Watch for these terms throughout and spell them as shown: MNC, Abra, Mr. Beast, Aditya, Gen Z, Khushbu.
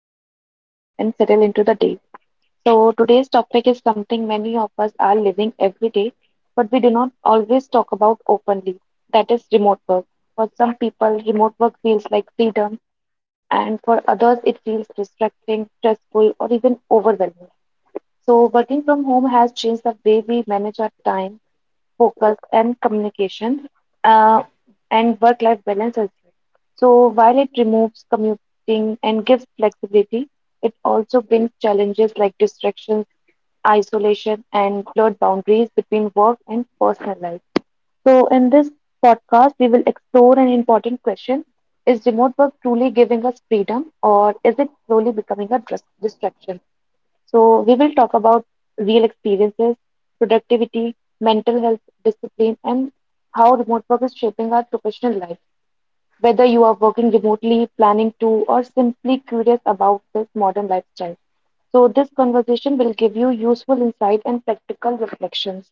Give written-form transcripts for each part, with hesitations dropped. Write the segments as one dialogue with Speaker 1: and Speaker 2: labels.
Speaker 1: to pause, breathe, and settle into the day. So, today's topic is something many of us are living every day, but we do not always talk about openly. That is remote work. For some people, remote work feels like freedom, and for others, it feels distracting, stressful, or even overwhelming. So, working from home has changed the way we manage our time, focus, and communication, uh, and work life balance as well. So, while it removes commuting and gives flexibility, it also brings challenges like distractions, isolation, and blurred boundaries between work and personal life. So, in this podcast, we will explore an important question: is remote work truly giving us freedom, or is it slowly becoming a distraction? So, we will talk about real experiences, productivity, mental health, discipline, and how remote work is shaping our professional life. Whether you are working remotely, planning to, or simply curious about this modern lifestyle. So, this conversation will give you useful insight and practical reflections.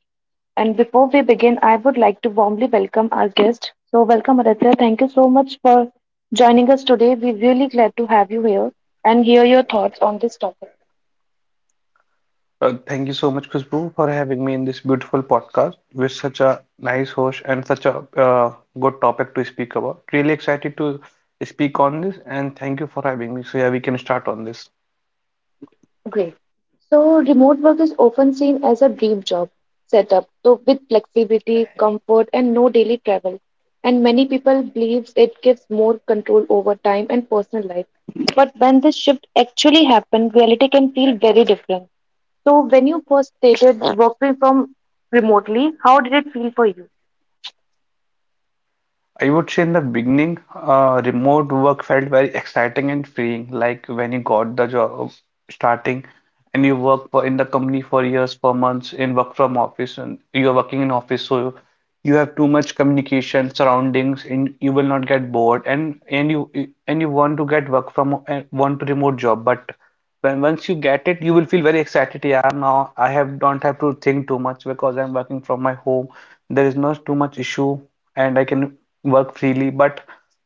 Speaker 1: And before we begin, I would like to warmly welcome our guest. So, welcome Aditya. Thank you so much for joining us today. We're really glad to have you here and hear your thoughts on this topic.
Speaker 2: Thank you so much, Khushbu, for having me in this beautiful podcast with such a nice host and such a good topic to speak about. Really excited to speak on this, and thank you for having me. So, yeah, we can start on this.
Speaker 1: Great. So, remote work is often seen as a dream job setup, so with flexibility, comfort, and no daily travel. And many people believes it gives more control over time and personal life. But when this shift actually happened, reality can feel very different. So, when you first started working from remotely, how did it feel for you?
Speaker 2: I would say in the beginning, remote work felt very exciting and freeing, like when you got the job starting and you work for in the company for years, for months in work from office and you're working in office, so you have too much communication surroundings and you will not get bored and you want to get work from and want to remote job, but when once you get it, you will feel very excited. Yeah, now I have don't have to think too much because I'm working from my home. There is not too much issue and I can work freely, but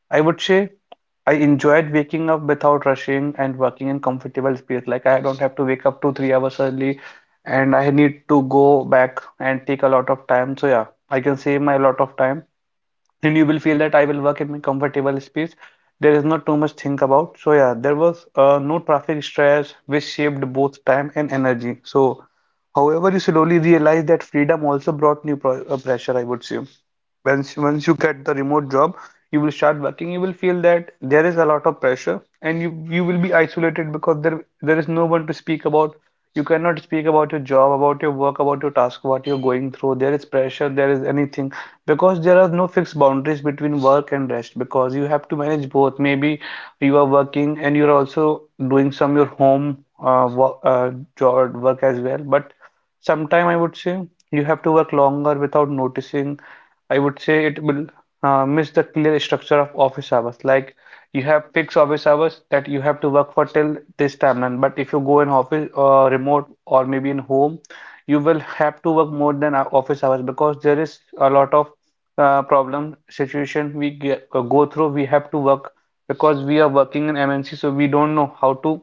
Speaker 2: I would say I enjoyed waking up without rushing and working in comfortable space. Like I don't have to wake up two, 3 hours early and I need to go back and take a lot of time. So yeah, I can save my lot of time. And you will feel that I will work in my comfortable space. There is not too much think about. So yeah, there was no traffic stress which shaped both time and energy. So however, you slowly realize that freedom also brought new pro pressure, I would say once you get the remote job, you will start working. You will feel that there is a lot of pressure and you will be isolated because there is no one to speak about. You cannot speak about your job, about your work, about your task, what you're going through. There is pressure, there is anything because there are no fixed boundaries between work and rest, because you have to manage both. Maybe you are working and you're also doing some your home work, job work as well, but sometime I would say you have to work longer without noticing. I would say it will miss the clear structure of office hours. Like you have fixed office hours that you have to work for till this timeline. But if you go in office remote or maybe in home, you will have to work more than our office hours, because there is a lot of problem situation we go through. We have to work because we are working in MNC, so we don't know how to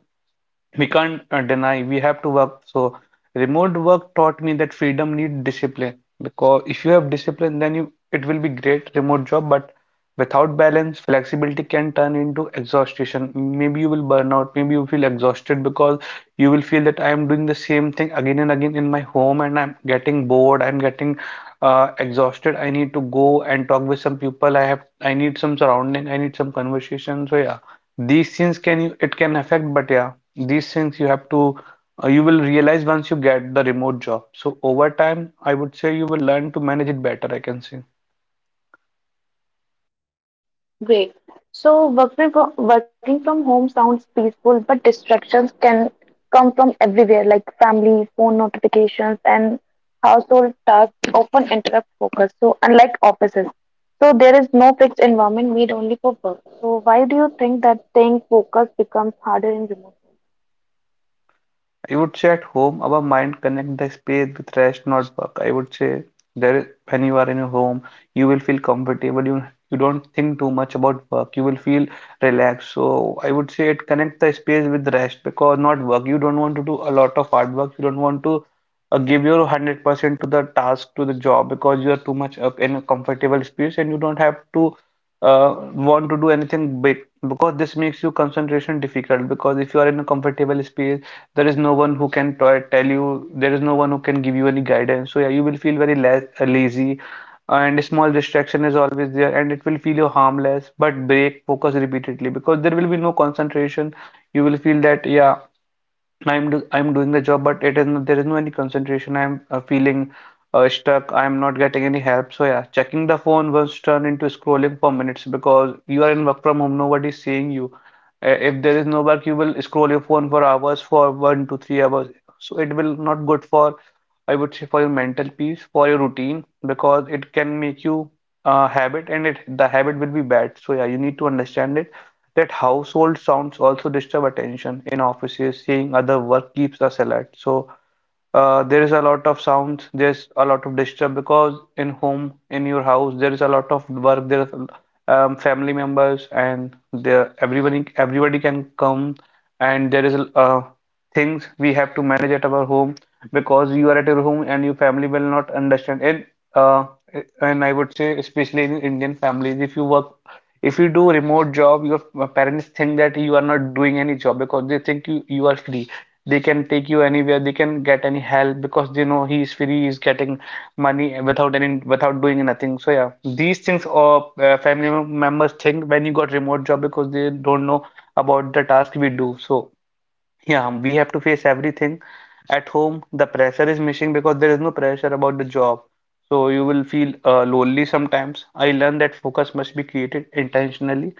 Speaker 2: we can't deny. We have to work. So remote work taught me that freedom needs discipline, because if you have discipline then you it will be great remote job, but without balance flexibility can turn into exhaustion. Maybe you will burn out, maybe you feel exhausted, because you will feel that I am doing the same thing again and again in my home and I'm getting bored, I'm getting exhausted. I need to go and talk with some people. I have I need some surrounding, I need some conversation. So yeah, these things can you it can affect. But yeah, these things you have to, you will realize once you get the remote job. So over time, I would say you will learn to manage it better, I can say.
Speaker 1: Great. So working from home sounds peaceful, but distractions can come from everywhere, like family, phone notifications, and household tasks often interrupt focus. So unlike offices, so there is no fixed environment made only for work. So why do you think that staying focused becomes harder in remote?
Speaker 2: I would say at home, our mind connect the space with rest, not work. I would say when you are in your home, you will feel comfortable. You don't think too much about work. You will feel relaxed. So I would say it connect the space with rest because not work. You don't want to do a lot of hard work. You don't want to give your 100% to the task to the job, because you are too much up in a comfortable space and you don't have to uh, want to do anything big, because this makes you concentration difficult. Because if you are in a comfortable space, there is no one who can tell you, there is no one who can give you any guidance. So yeah, you will feel very lazy, and a small distraction is always there and it will feel you harmless but break focus repeatedly, because there will be no concentration. You will feel that yeah, I'm doing the job, but it is no, there is no any concentration. I'm feeling stuck, I'm not getting any help. So yeah, checking the phone once turn into scrolling for minutes, because you are in work from home, nobody is seeing you. If there is no work, you will scroll your phone for hours, for 1 to 3 hours. So it will not good for, I would say, for your mental peace, for your routine, because it can make you a habit, and it the habit will be bad. So yeah, you need to understand it. That household sounds also disturb attention in offices. Seeing other work keeps us alert. So there is a lot of sounds, there's a lot of disturb, because in home, in your house, there is a lot of work. There is family members, and there everybody can come, and there is things we have to manage at our home, because you are at your home and your family will not understand. And uh, and I would say especially in Indian families, if you work, if you do remote job, your parents think that you are not doing any job, because they think you are free. They can take you anywhere, they can get any help, because they know he is free, he is getting money without any, without doing nothing. So yeah, these things or family members think when you got remote job, because they don't know about the task we do. So yeah, we have to face everything. At home, the pressure is missing, because there is no pressure about the job. So you will feel lonely sometimes. I learned that focus must be created intentionally.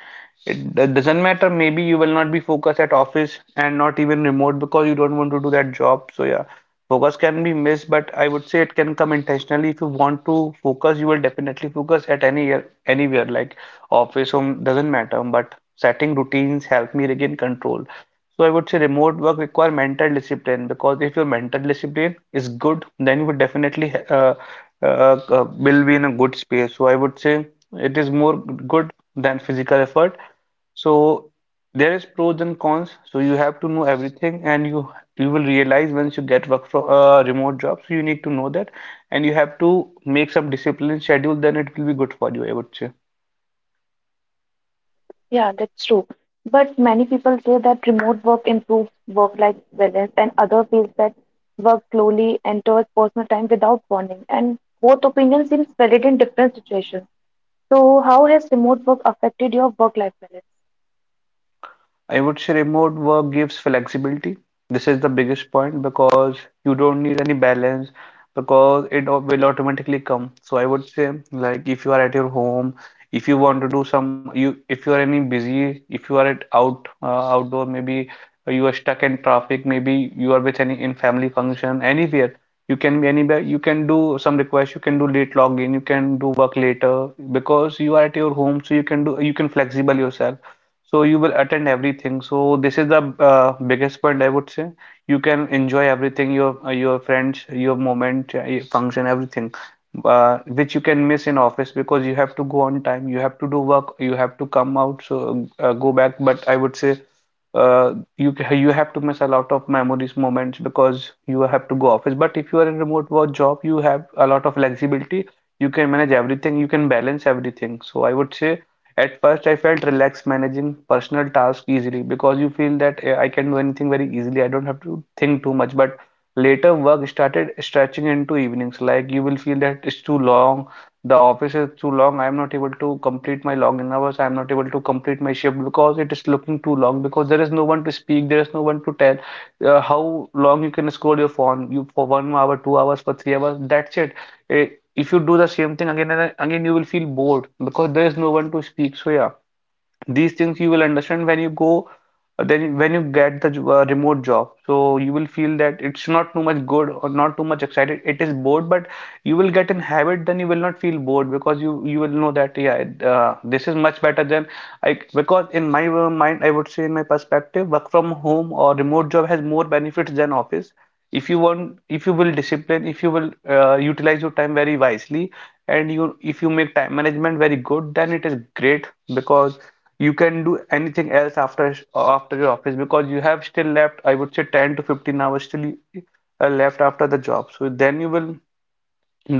Speaker 2: It doesn't matter, maybe you will not be focused at office and not even remote because you don't want to do that job. So yeah, focus can be missed, but I would say it can come intentionally. If you want to focus, you will definitely focus at any year, anywhere, like office, home, doesn't matter. But setting routines help me regain control. So I would say remote work require mental discipline, because if your mental discipline is good, then you would definitely will be in a good space. So I would say it is more good than physical effort. So there is pros and cons. So you have to know everything, and you will realize once you get work from remote job. So you need to know that, and you have to make some discipline schedule. Then it will be good for you, I would say.
Speaker 1: Yeah, that's true. But many people say that remote work improves work-life balance, and other feels that work slowly enters personal time without bonding. And both opinions seem valid in different situations. So, how has remote work affected your work-life balance?
Speaker 2: I would say remote work gives flexibility. This is the biggest point, because you don't need any balance, because it will automatically come. So I would say, like if you are at your home, if you want to do some you, if you are any busy, if you are at out outdoor, maybe you are stuck in traffic, maybe you are with any in family function, anywhere. You can be anywhere. You can do some requests. You can do late login. You can do work later, because you are at your home, so you can do you can flexible yourself, so you will attend everything. So this is the biggest point I would say. You can enjoy everything, your friends, your moment, your function, everything, which you can miss in office, because you have to go on time, you have to do work, you have to come out, so go back. But I would say you have to miss a lot of memories, moments, because you have to go office. But if you are in remote work job, you have a lot of flexibility. You can manage everything. You can balance everything, so I would say. At first, I felt relaxed managing personal tasks easily, because you feel that I can do anything very easily. I don't have to think too much. But later, work started stretching into evenings. Like you will feel that it's too long, the office is too long. I'm not able to complete my login hours. I'm not able to complete my shift, because it is looking too long. Because there is no one to speak, there is no one to tell how long you can scroll your phone. You for 1 hour, 2 hours, for 3 hours. That's it. Eh, if you do the same thing again and again, you will feel bored because there is no one to speak. So yeah, these things you will understand when you go then when you get the remote job, so you will feel that it's not too much good or not too much excited, it is bored. But you will get in habit, then you will not feel bored because you will know that yeah, this is much better than I. Because in my mind, I would say in my perspective, work from home or remote job has more benefits than office if you want, if you will discipline, if you will utilize your time very wisely. And you, if you make time management very good, then it is great. Because you can do anything else after your office, because you have still left, I would say, 10 to 15 hours still left after the job. So then you will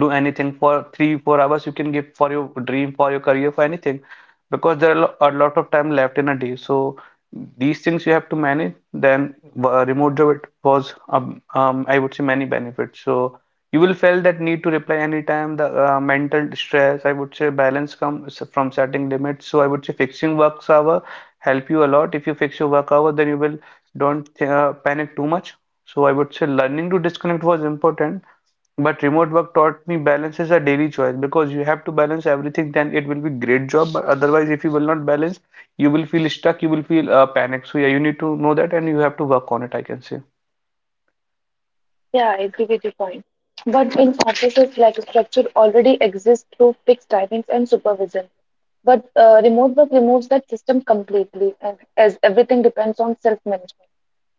Speaker 2: do anything for 3 4 hours, you can give for your dream, for your career, for anything. Because there are a lot of time left in a day. So these things you have to manage, then remote job, it was I would say, many benefits. So you will feel that need to reply anytime, the mental stress, I would say, balance comes from setting limits. So I would say fixing work hour help you a lot. If you fix your work hour, then you will don't panic too much. So I would say learning to disconnect was important, but remote work taught me balance is a daily choice, because you have to balance everything, then it will be great job. But otherwise, if you will not balance, you will feel stuck, you will feel panic. So yeah, you need to know that and you have to work on it, I can say.
Speaker 1: Yeah, I agree with your point. But in offices, like structure already exists through fixed timings and supervision. But remote work removes that system completely, and as everything depends on self-management.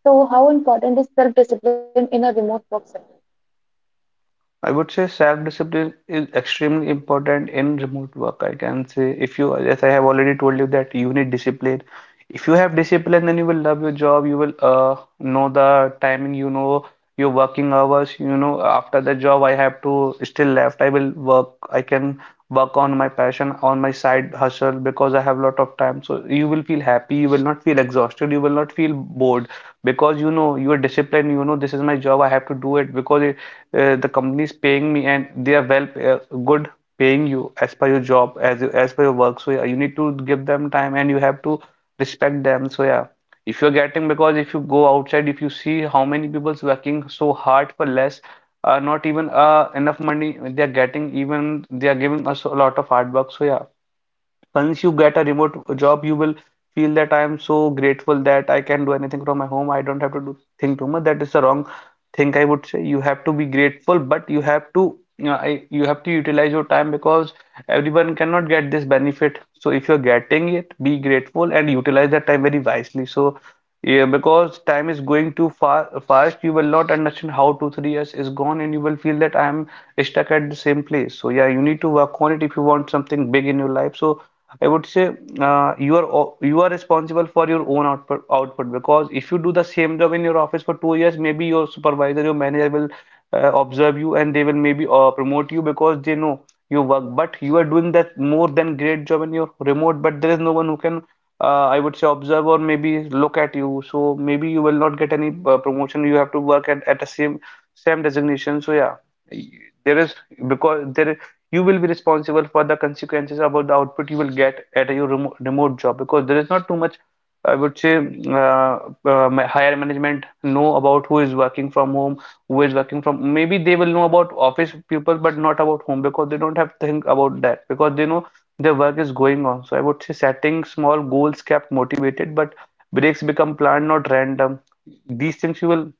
Speaker 1: So, how important is self-discipline in a remote work setting?
Speaker 2: I would say self-discipline is extremely important in remote work. I can say if you, as I have already told you, that you need discipline. If you have discipline, then you will love your job. You will know the timing. You know your working hours. You know after the job, I have to still left. I will work. I can work on my passion, on my side hustle, because I have a lot of time. So you will feel happy. You will not feel exhausted. You will not feel bored because you know you are disciplined. You know this is my job. I have to do it because it the company is paying me, and they are well, good, paying you as per your job, as you, as per your work. So yeah, you need to give them time and you have to respect them. So yeah, if you're getting, because if you go outside, if you see how many people's working so hard for less not even enough money they are getting, even they are giving us a lot of hard work. So yeah, once you get a remote job, you will feel that I am so grateful that I can do anything from my home. I don't have to do think too much. That is the wrong thing, I would say. You have to be grateful, but you have to, you know, I, you have to utilize your time because everyone cannot get this benefit. So if you're getting it, be grateful and utilize that time very wisely. So yeah, because time is going too far fast, you will not understand how two, 3 years is gone, and you will feel that I am stuck at the same place. So yeah, you need to work on it if you want something big in your life. So I would say you are you are responsible for your own output because if you do the same job in your office for 2 years, maybe your supervisor, your manager will observe you, and they will maybe promote you because they know your work. But you are doing that more than great job in your remote, but there is no one who can I would say observe or maybe look at you. So maybe you will not get any promotion. You have to work at the same designation. So yeah, y- there is, because there, you will be responsible for the consequences about the output you will get at your remote job, because there is not too much, I would say, uh, higher management know about who is working from home, who is working from. Maybe they will know about office people, but not about home, because they don't have to think about that, because they know their work is going on. So I would say setting small goals kept motivated, but breaks become planned, not random. These things you will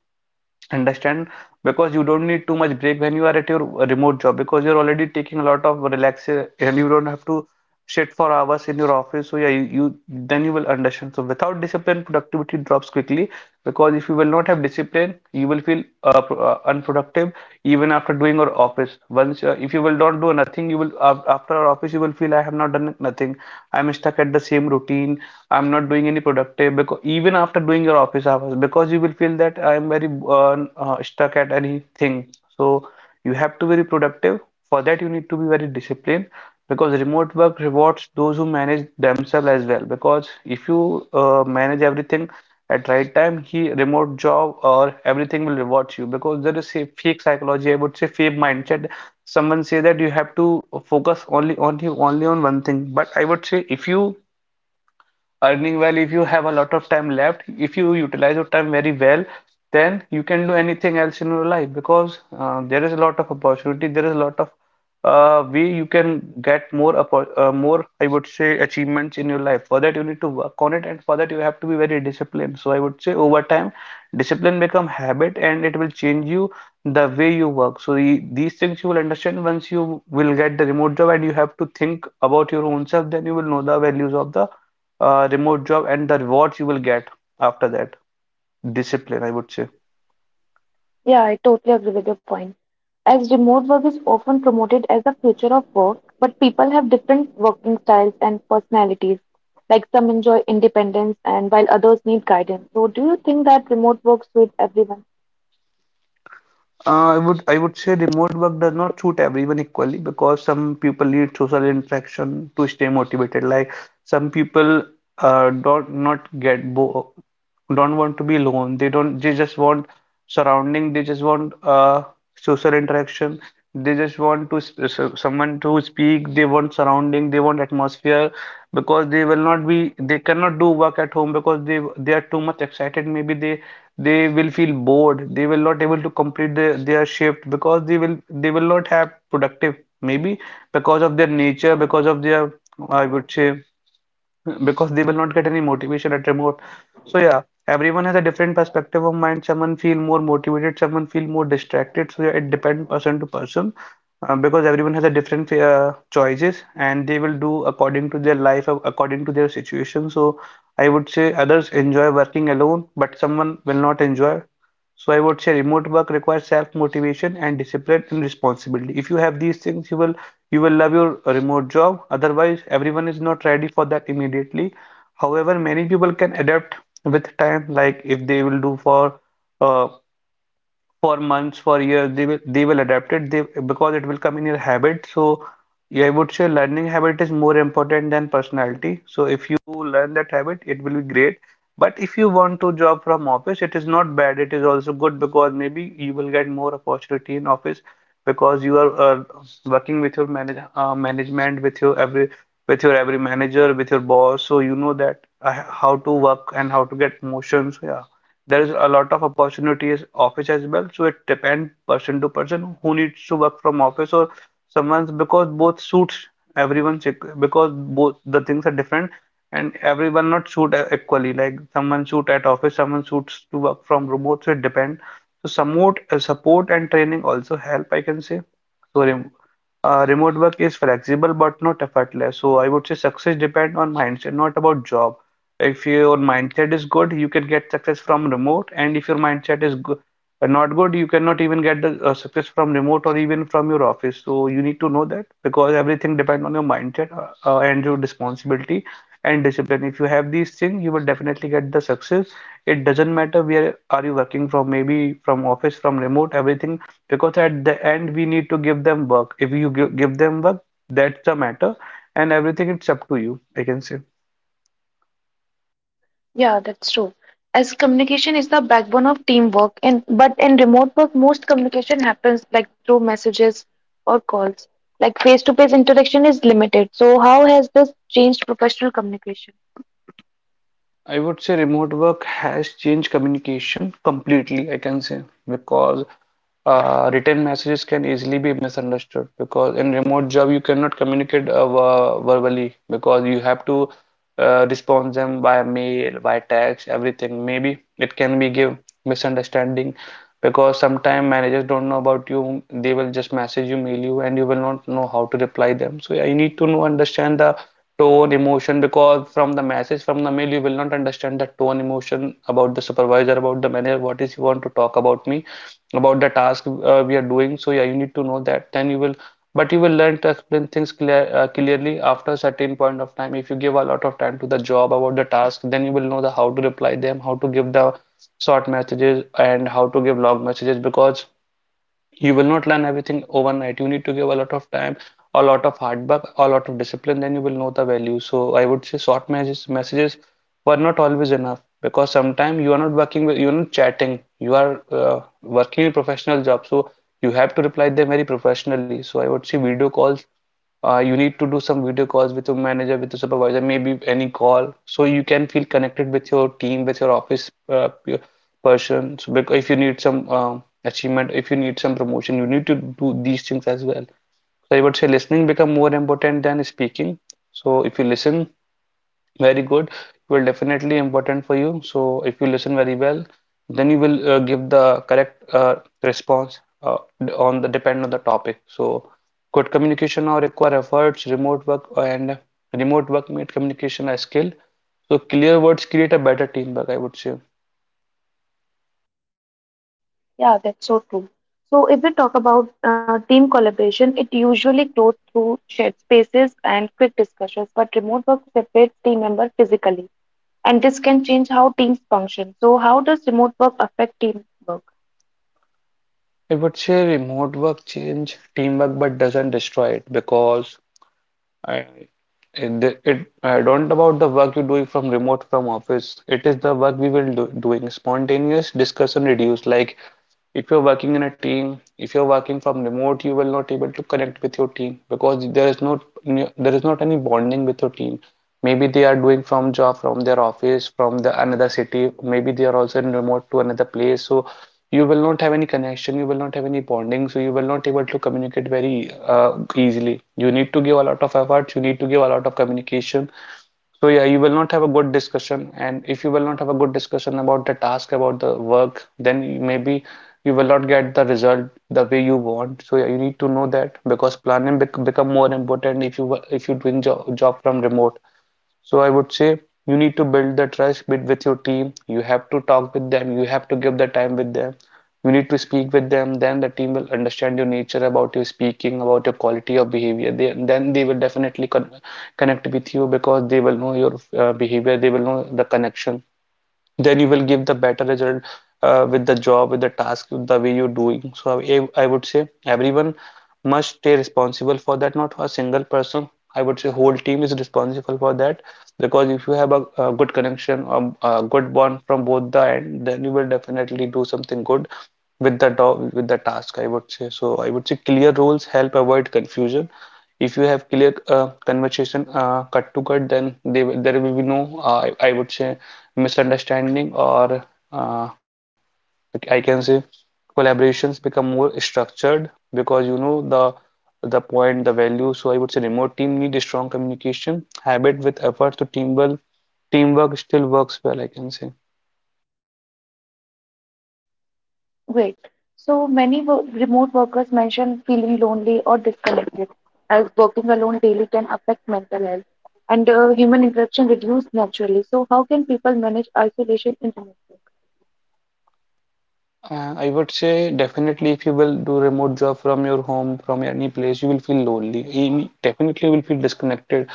Speaker 2: understand. Because you don't need too much break when you are at your remote job because you're already taking a lot of relaxation, and you don't have to sit for hours in your office. So yeah, you then you will understand. So without discipline, productivity drops quickly discipline, because if you will not have discipline, you will feel unproductive even after doing your office. Once if you will not do nothing, you will after our office you will feel I have not done nothing, I'm stuck at the same routine, I'm not doing any productive, because even after doing your office hours, because you will feel that I'm very uh, stuck at anything. So you have to be very productive. For that you need to be very disciplined, because remote work rewards those who manage themselves as well. Because if you manage everything at right time, he remote job or everything will reward you, because there is a fake psychology, I would say fake mindset, someone say that you have to focus only on you, only on one thing. But I would say if you earning well, if you have a lot of time left, if you utilize your time very well, then you can do anything else in your life, because there is a lot of opportunity, there is a lot of way you can get more more, I would say, achievements in your life. For that you need to work on it, and for that you have to be very disciplined. So I would say over time, discipline become habit, and it will change you the way you work. So these things you will understand once you will get the remote job, and you have to think about your own self, then you will know the values of the remote job and the rewards you will get after that, discipline, I would say.
Speaker 1: Yeah, I totally agree with your point. As remote work is often promoted as the future of work, but people have different working styles and personalities. Like some enjoy independence, and while others need guidance. So, do you think that remote work suits everyone?
Speaker 2: I would say remote work does not suit everyone equally, because some people need social interaction to stay motivated. Like some people don't not get bo don't want to be alone. They don't they just want surrounding. They just want social interaction. They just want to someone to speak. They want surrounding. They want atmosphere, because they will not be, they cannot do work at home, because they are too much excited. Maybe they will feel bored, they will not able to complete their shift, because they will not have productive maybe, because of their nature, because of their, I would say, because they will not get any motivation at remote. So yeah, everyone has a different perspective of mind. Someone feel more motivated, someone feel more distracted. So yeah, it depends person to person, because everyone has a different choices, and they will do according to their life, according to their situation. So I would say others enjoy working alone, but someone will not enjoy. So I would say remote work requires self-motivation and discipline and responsibility. If you have these things, you will love your remote job, otherwise, everyone is not ready for that immediately. However, many people can adapt with time, like if they will do uh, for months, for years, they will adapt it they, because it will come in your habit. So yeah, I would say learning habit is more important than personality. So if you learn that habit, it will be great. But if you want to job from office, it is not bad. It is also good, because maybe you will get more opportunity in office, because you are working with your management, with your every manager, with your boss. So you know that how to work and how to get promotions. Yeah. There is a lot of opportunities office as well, so it depends person to person who needs to work from office or someone's because both suits everyone because both the things are different and everyone not suit equally. Like someone suit at office, someone suits to work from remote, so it depends. So support, support and training also help, I can say. So remote work is flexible but not effortless, so I would say success depend on mindset, not about job. If your mindset is good, you can get success from remote, and if your mindset is go not good, you cannot even get the success from remote or even from your office. So you need to know that, because everything depends on your mindset and your responsibility and discipline. If you have these things, you will definitely get the success. It doesn't matter where are you working from, maybe from office, from remote, everything, because at the end we need to give them work. If you give them work, that's the matter, and everything, it's up to you, I can say.
Speaker 1: Yeah, that's true. As communication is the backbone of teamwork, and but in remote work, most communication happens like through messages or calls. Like face-to-face interaction is limited. So how has this changed professional communication?
Speaker 2: I would say remote work has changed communication completely, I can say, because written messages can easily be misunderstood, because in remote job you cannot communicate verbally, because you have to respond them by mail, by text, everything. Maybe it can be give misunderstanding, because sometimes managers don't know about you. They will just message you, mail you, and you will not know how to reply them. So yeah, you need to know, understand the tone, emotion, because from the message, from the mail, you will not understand the tone, emotion about the supervisor, about the manager, what is he want to talk about me, about the task we are doing. So yeah, you need to know that. Then you will, but you will learn to explain things clearly after a certain point of time. If you give a lot of time to the job about the task, then you will know the how to reply them, how to give the short messages, and how to give long messages, because you will not learn everything overnight. You need to give a lot of time, a lot of hard work, a lot of discipline, then you will know the value. So I would say short messages were not always enough, because sometimes you are not working with, you're not chatting, you are working in professional job, so you have to reply them very professionally. So I would say video calls, you need to do some video calls with your manager, with your supervisor, maybe any call, so you can feel connected with your team, with your office person. So, if you need some achievement, if you need some promotion, you need to do these things as well. So, I would say listening become more important than speaking. So, if you listen very good. Will definitely important for you. So if you listen very well, then you will give the correct response, on the depend on the topic. So good communication now require efforts, remote work and remote work made communication a skill. So clear words create a better teamwork, I would say.
Speaker 1: Yeah, that's so true. So if we talk about team collaboration, it usually grows through shared spaces and quick discussions, but remote work separates team members physically, and this can change how teams function. So how does remote work affect teamwork?
Speaker 2: I would say remote work change teamwork but doesn't destroy it, because I, I don't about the work you're doing from remote, from office. It is the work we will do, doing spontaneous discussion reduced. Like if you're working in a team, if you're working from remote, you will not able to connect with your team, because there is not any bonding with your team. Maybe they are doing from job, from their office, from the another city, maybe they are also in remote to another place, so you will not have any connection, you will not have any bonding, so you will not able to communicate very easily. You need to give a lot of effort, you need to give a lot of communication. So yeah, you will not have a good discussion, and if you will not have a good discussion about the task, about the work, then maybe you will not get the result the way you want. So yeah, you need to know that, because planning become more important if you, if you're doing job from remote. So I would say you need to build the trust with your team, you have to talk with them, you have to give the time with them, you need to speak with them, then the team will understand your nature about your speaking, about your quality of behavior. Then they will definitely connect with you, because they will know your behavior, they will know the connection, then you will give the better result with the job, with the task, with the way you're doing. So I would say everyone must stay responsible for that, not for a single person. I would say whole team is responsible for that, because if you have a good connection or a good bond from both the end, then you will definitely do something good with the with the task, I would say. So I would say clear roles help avoid confusion. If you have clear conversation, cut to cut, then there will be no I would say misunderstanding or uh, like I can say collaborations become more structured, because you know the point, the value. So I would say remote team need a strong communication habit with effort to teamwork. Teamwork still works well, I can say.
Speaker 1: Great. So many remote workers mention feeling lonely or disconnected, as working alone daily can affect mental health and human interaction reduced naturally. So how can people manage isolation in remote work?
Speaker 2: I would say definitely if you will do remote job from your home, from any place, you will feel lonely. You definitely will feel disconnected.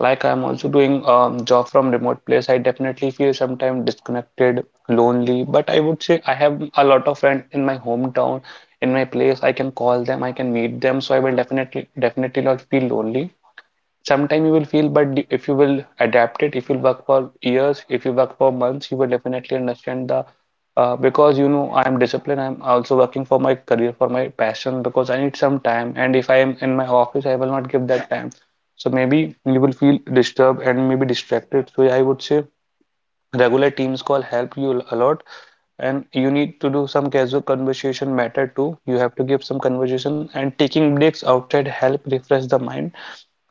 Speaker 2: Like I'm also doing job from remote place. I definitely feel sometimes disconnected, lonely. But I would say I have a lot of friends in my hometown, in my place. I can call them, I can meet them. So I will definitely not feel lonely. Sometime you will feel, but if you will adapt it, if you work for years, if you work for months, you will definitely understand the because you know I am disciplined, I'm also working for my career, for my passion, because I need some time, and if I am in my office I will not give that time. So maybe you will feel disturbed and maybe distracted. So I would say regular teams call help you a lot, and you need to do some casual conversation matter too, you have to give some conversation, and taking breaks outside help refresh the mind.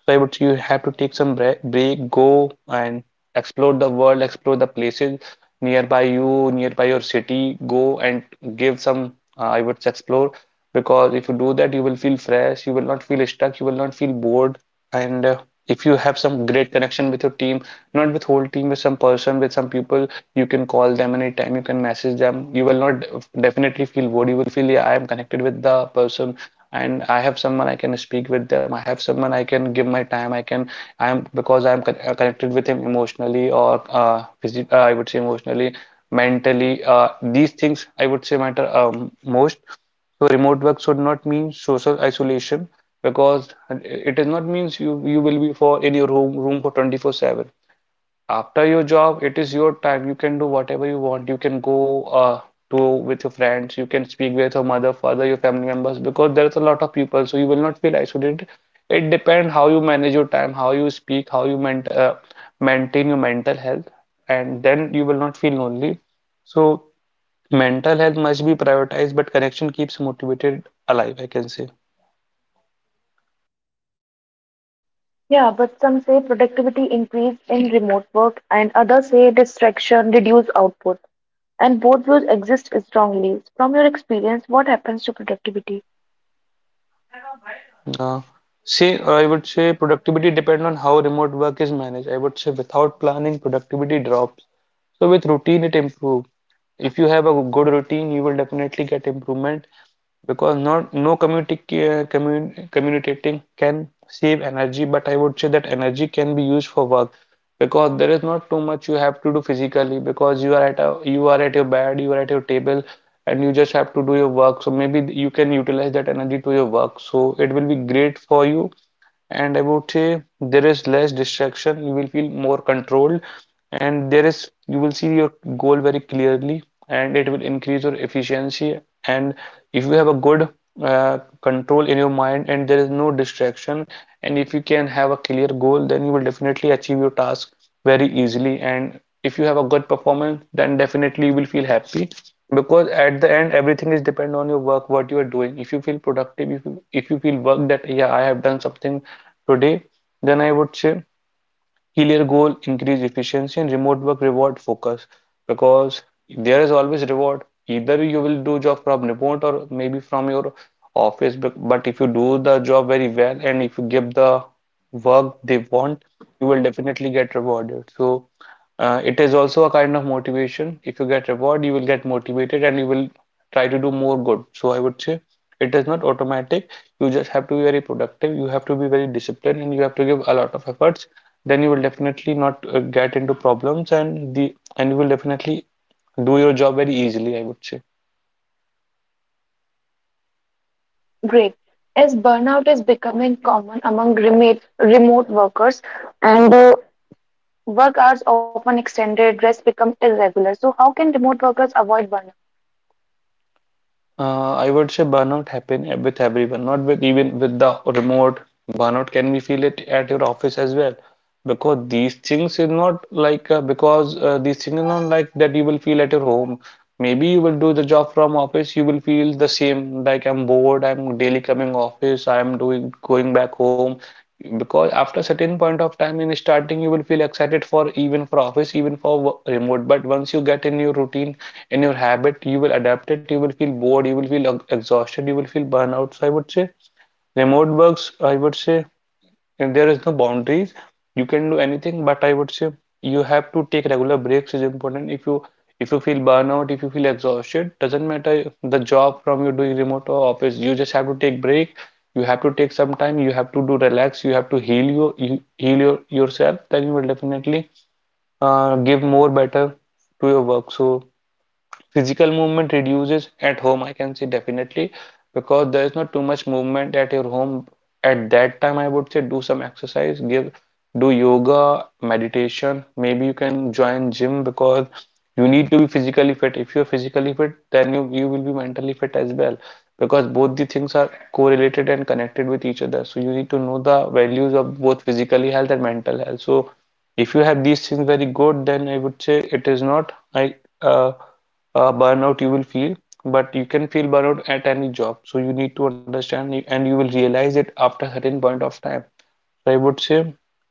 Speaker 2: So I would say you have to take some break, go and explore the world, explore the places nearby you, nearby your city. Go and give some, I would say, explore, because if you do that, you will feel fresh, you will not feel stuck, you will not feel bored. And if you have some great connection with your team, not with whole team, with some person, with some people, you can call them anytime, you can message them. You will not definitely feel bored. You will feel, yeah, I am connected with the person, and I have someone I can speak with them. I have someone I can give my time. I can, I am, because I am connected with him emotionally, or I would say emotionally, mentally. These things I would say matter most. So remote work should not mean social isolation, because it does not means you will be for in your room for 24/7. After your job, it is your time. You can do whatever you want. You can go to with your friends. You can speak with your mother, father, your family members, because there's a lot of people, so you will not feel isolated. It depends how you manage your time, how you speak, how you ment maintain your mental health, and then you will not feel lonely. So mental health must be prioritized, but connection keeps motivated alive, I can say.
Speaker 1: Yeah, but some say productivity increased in remote work, and others say distraction reduced output. And both views exist strongly. From your experience, what happens to productivity?
Speaker 2: Uh, I would say productivity depend on how remote work is managed. I would say without planning, productivity drops. So with routine, it improve. If you have a good routine, you will definitely get improvement, because not no communicating can save energy, but I would say that energy can be used for work, because there is not too much you have to do physically, because you are at you are at your bed, you are at your table, and you just have to do your work. So maybe you can utilize that energy to your work. So it will be great for you. And I would say there is less distraction. You will feel more controlled, and there is you will see your goal very clearly, and it will increase your efficiency. And if you have a good control in your mind, and there is no distraction, and if you can have a clear goal, then you will definitely achieve your task very easily. And if you have a good performance, then definitely you will feel happy. Because at the end, everything is depend on your work, what you are doing. If you feel productive, if you feel work that yeah, I have done something today, then I would say clear goal, increase efficiency, and remote work reward focus, because there is always reward. Either you will do job from remote or maybe from your office, but if you do the job very well and if you give the work they want, you will definitely get rewarded. So it is also a kind of motivation. If you get reward, you will get motivated and you will try to do more good. So I would say it is not automatic. You just have to be very productive. You have to be very disciplined and you have to give a lot of efforts, then you will definitely not get into problems and the and you will definitely do your job very easily, I would say.
Speaker 1: Great. As burnout is becoming common among remote workers, and work hours often extended, rest becomes irregular. So, how can remote workers avoid burnout?
Speaker 2: I would say burnout happen with everyone, not with even with the remote burnout. Can we feel it at your office as well? Because these things is not like because these things are not like that you will feel at your home. Maybe you will do the job from office, you will feel the same. Like I'm bored, I'm daily coming office, I'm doing going back home. Because after certain point of time in starting, you will feel excited for even for office, even for remote. But once you get in your routine, in your habit, you will adapt it, you will feel bored, you will feel exhausted, you will feel burnout. So I would say remote works, I would say, if there is no boundaries, you can do anything, but I would say you have to take regular breaks is important. If you, if you feel burnout, if you feel exhausted, doesn't matter the job from you doing remote or office, you just have to take break. You have to take some time, you have to do relax, you have to heal you heal yourself, then you will definitely give more better to your work. So physical movement reduces at home, I can say definitely, because there is not too much movement at your home. At that time, I would say do some exercise, give do yoga, meditation. Maybe you can join gym because you need to be physically fit. If you're physically fit, then you will be mentally fit as well, because both the things are correlated and connected with each other. So you need to know the values of both physically health and mental health. So if you have these things very good, then I would say it is not I uh, burnout you will feel. But you can feel burnout at any job, so you need to understand and you will realize it after a certain point of time. So I would say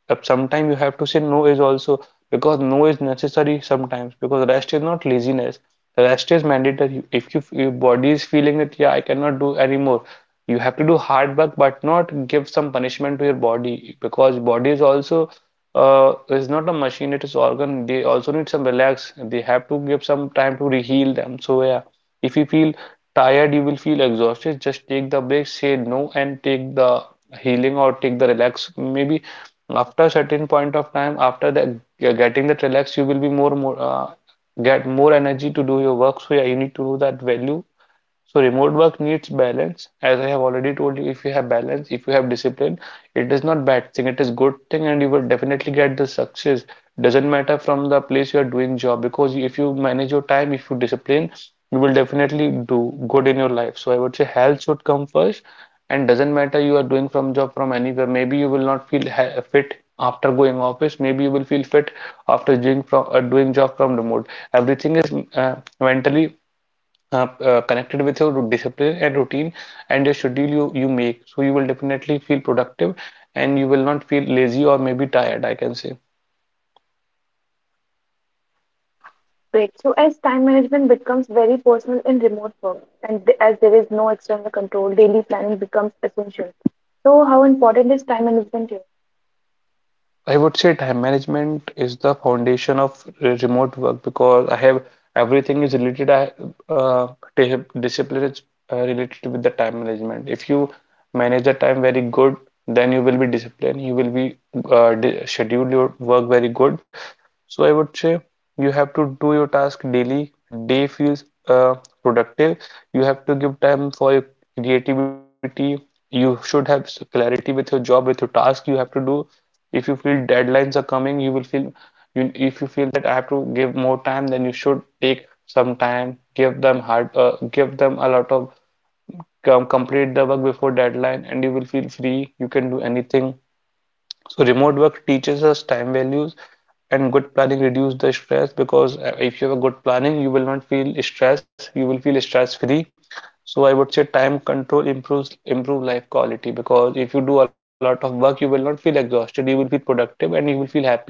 Speaker 2: up sometime you have to say no is also, because no is necessary sometimes, because rest is not laziness. Rest is mandatory. If you, your body is feeling that yeah I cannot do anymore, you have to do hard work but not give some punishment to your body, because body is also is not a machine. It is organ. They also need some relax. They have to give some time to reheal them. So yeah, if you feel tired, you will feel exhausted. Just take the break, say no, and take the healing or take the relax. Maybe after a certain point of time, after the getting that relax, you will be more get more energy to do your work. So yeah, you need to do that value. So remote work needs balance. As I have already told you, if you have balance, if you have discipline, it is not bad thing, it is good thing, and you will definitely get the success. Doesn't matter from the place you are doing job, because if you manage your time, if you discipline, you will definitely do good in your life. So I would say health should come first, and doesn't matter you are doing from job from anywhere. Maybe you will not feel fit after going office. Maybe you will feel fit after doing from doing job from remote. Everything is mentally connected with your discipline and routine and your schedule you make. So you will definitely feel productive and you will not feel lazy or maybe tired, I can say.
Speaker 1: Great. So, as time management becomes very personal in remote work, and as there is no external control, daily planning becomes essential. So, how important is time management here?
Speaker 2: I would say time management is the foundation of remote work, because I have everything is related, uh, discipline is related with the time management. If you manage the time very good, then you will be disciplined, you will be uh, schedule your work very good. So I would say you have to do your task daily. Day feels productive. You have to give time for your creativity. You should have clarity with your job, with your task you have to do. If you feel deadlines are coming, you will feel you if you feel that I have to give more time, then you should take some time, give them hard, give them a lot of complete the work before deadline, and you will feel free. You can do anything. So remote work teaches us time values, and good planning reduce the stress, because if you have a good planning you will not feel stress, you will feel stress free. So I would say time control improve life quality, because if you do a lot of work you will not feel exhausted, you will feel productive and you will feel happy,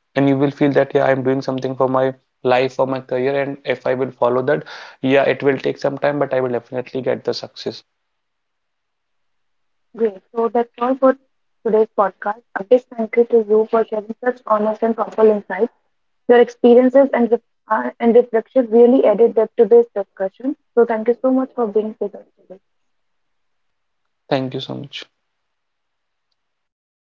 Speaker 2: and you will feel that yeah I am doing something for my life, for my career, and if I will follow that, yeah it will take some time, but I will definitely get the success.
Speaker 1: Great. So, that's all for today's podcast. A big thank you to you for sharing such honest and thoughtful insights. Your experiences and reflection really added depth to this discussion. So, thank you so much for being with us today.
Speaker 2: Thank you so much.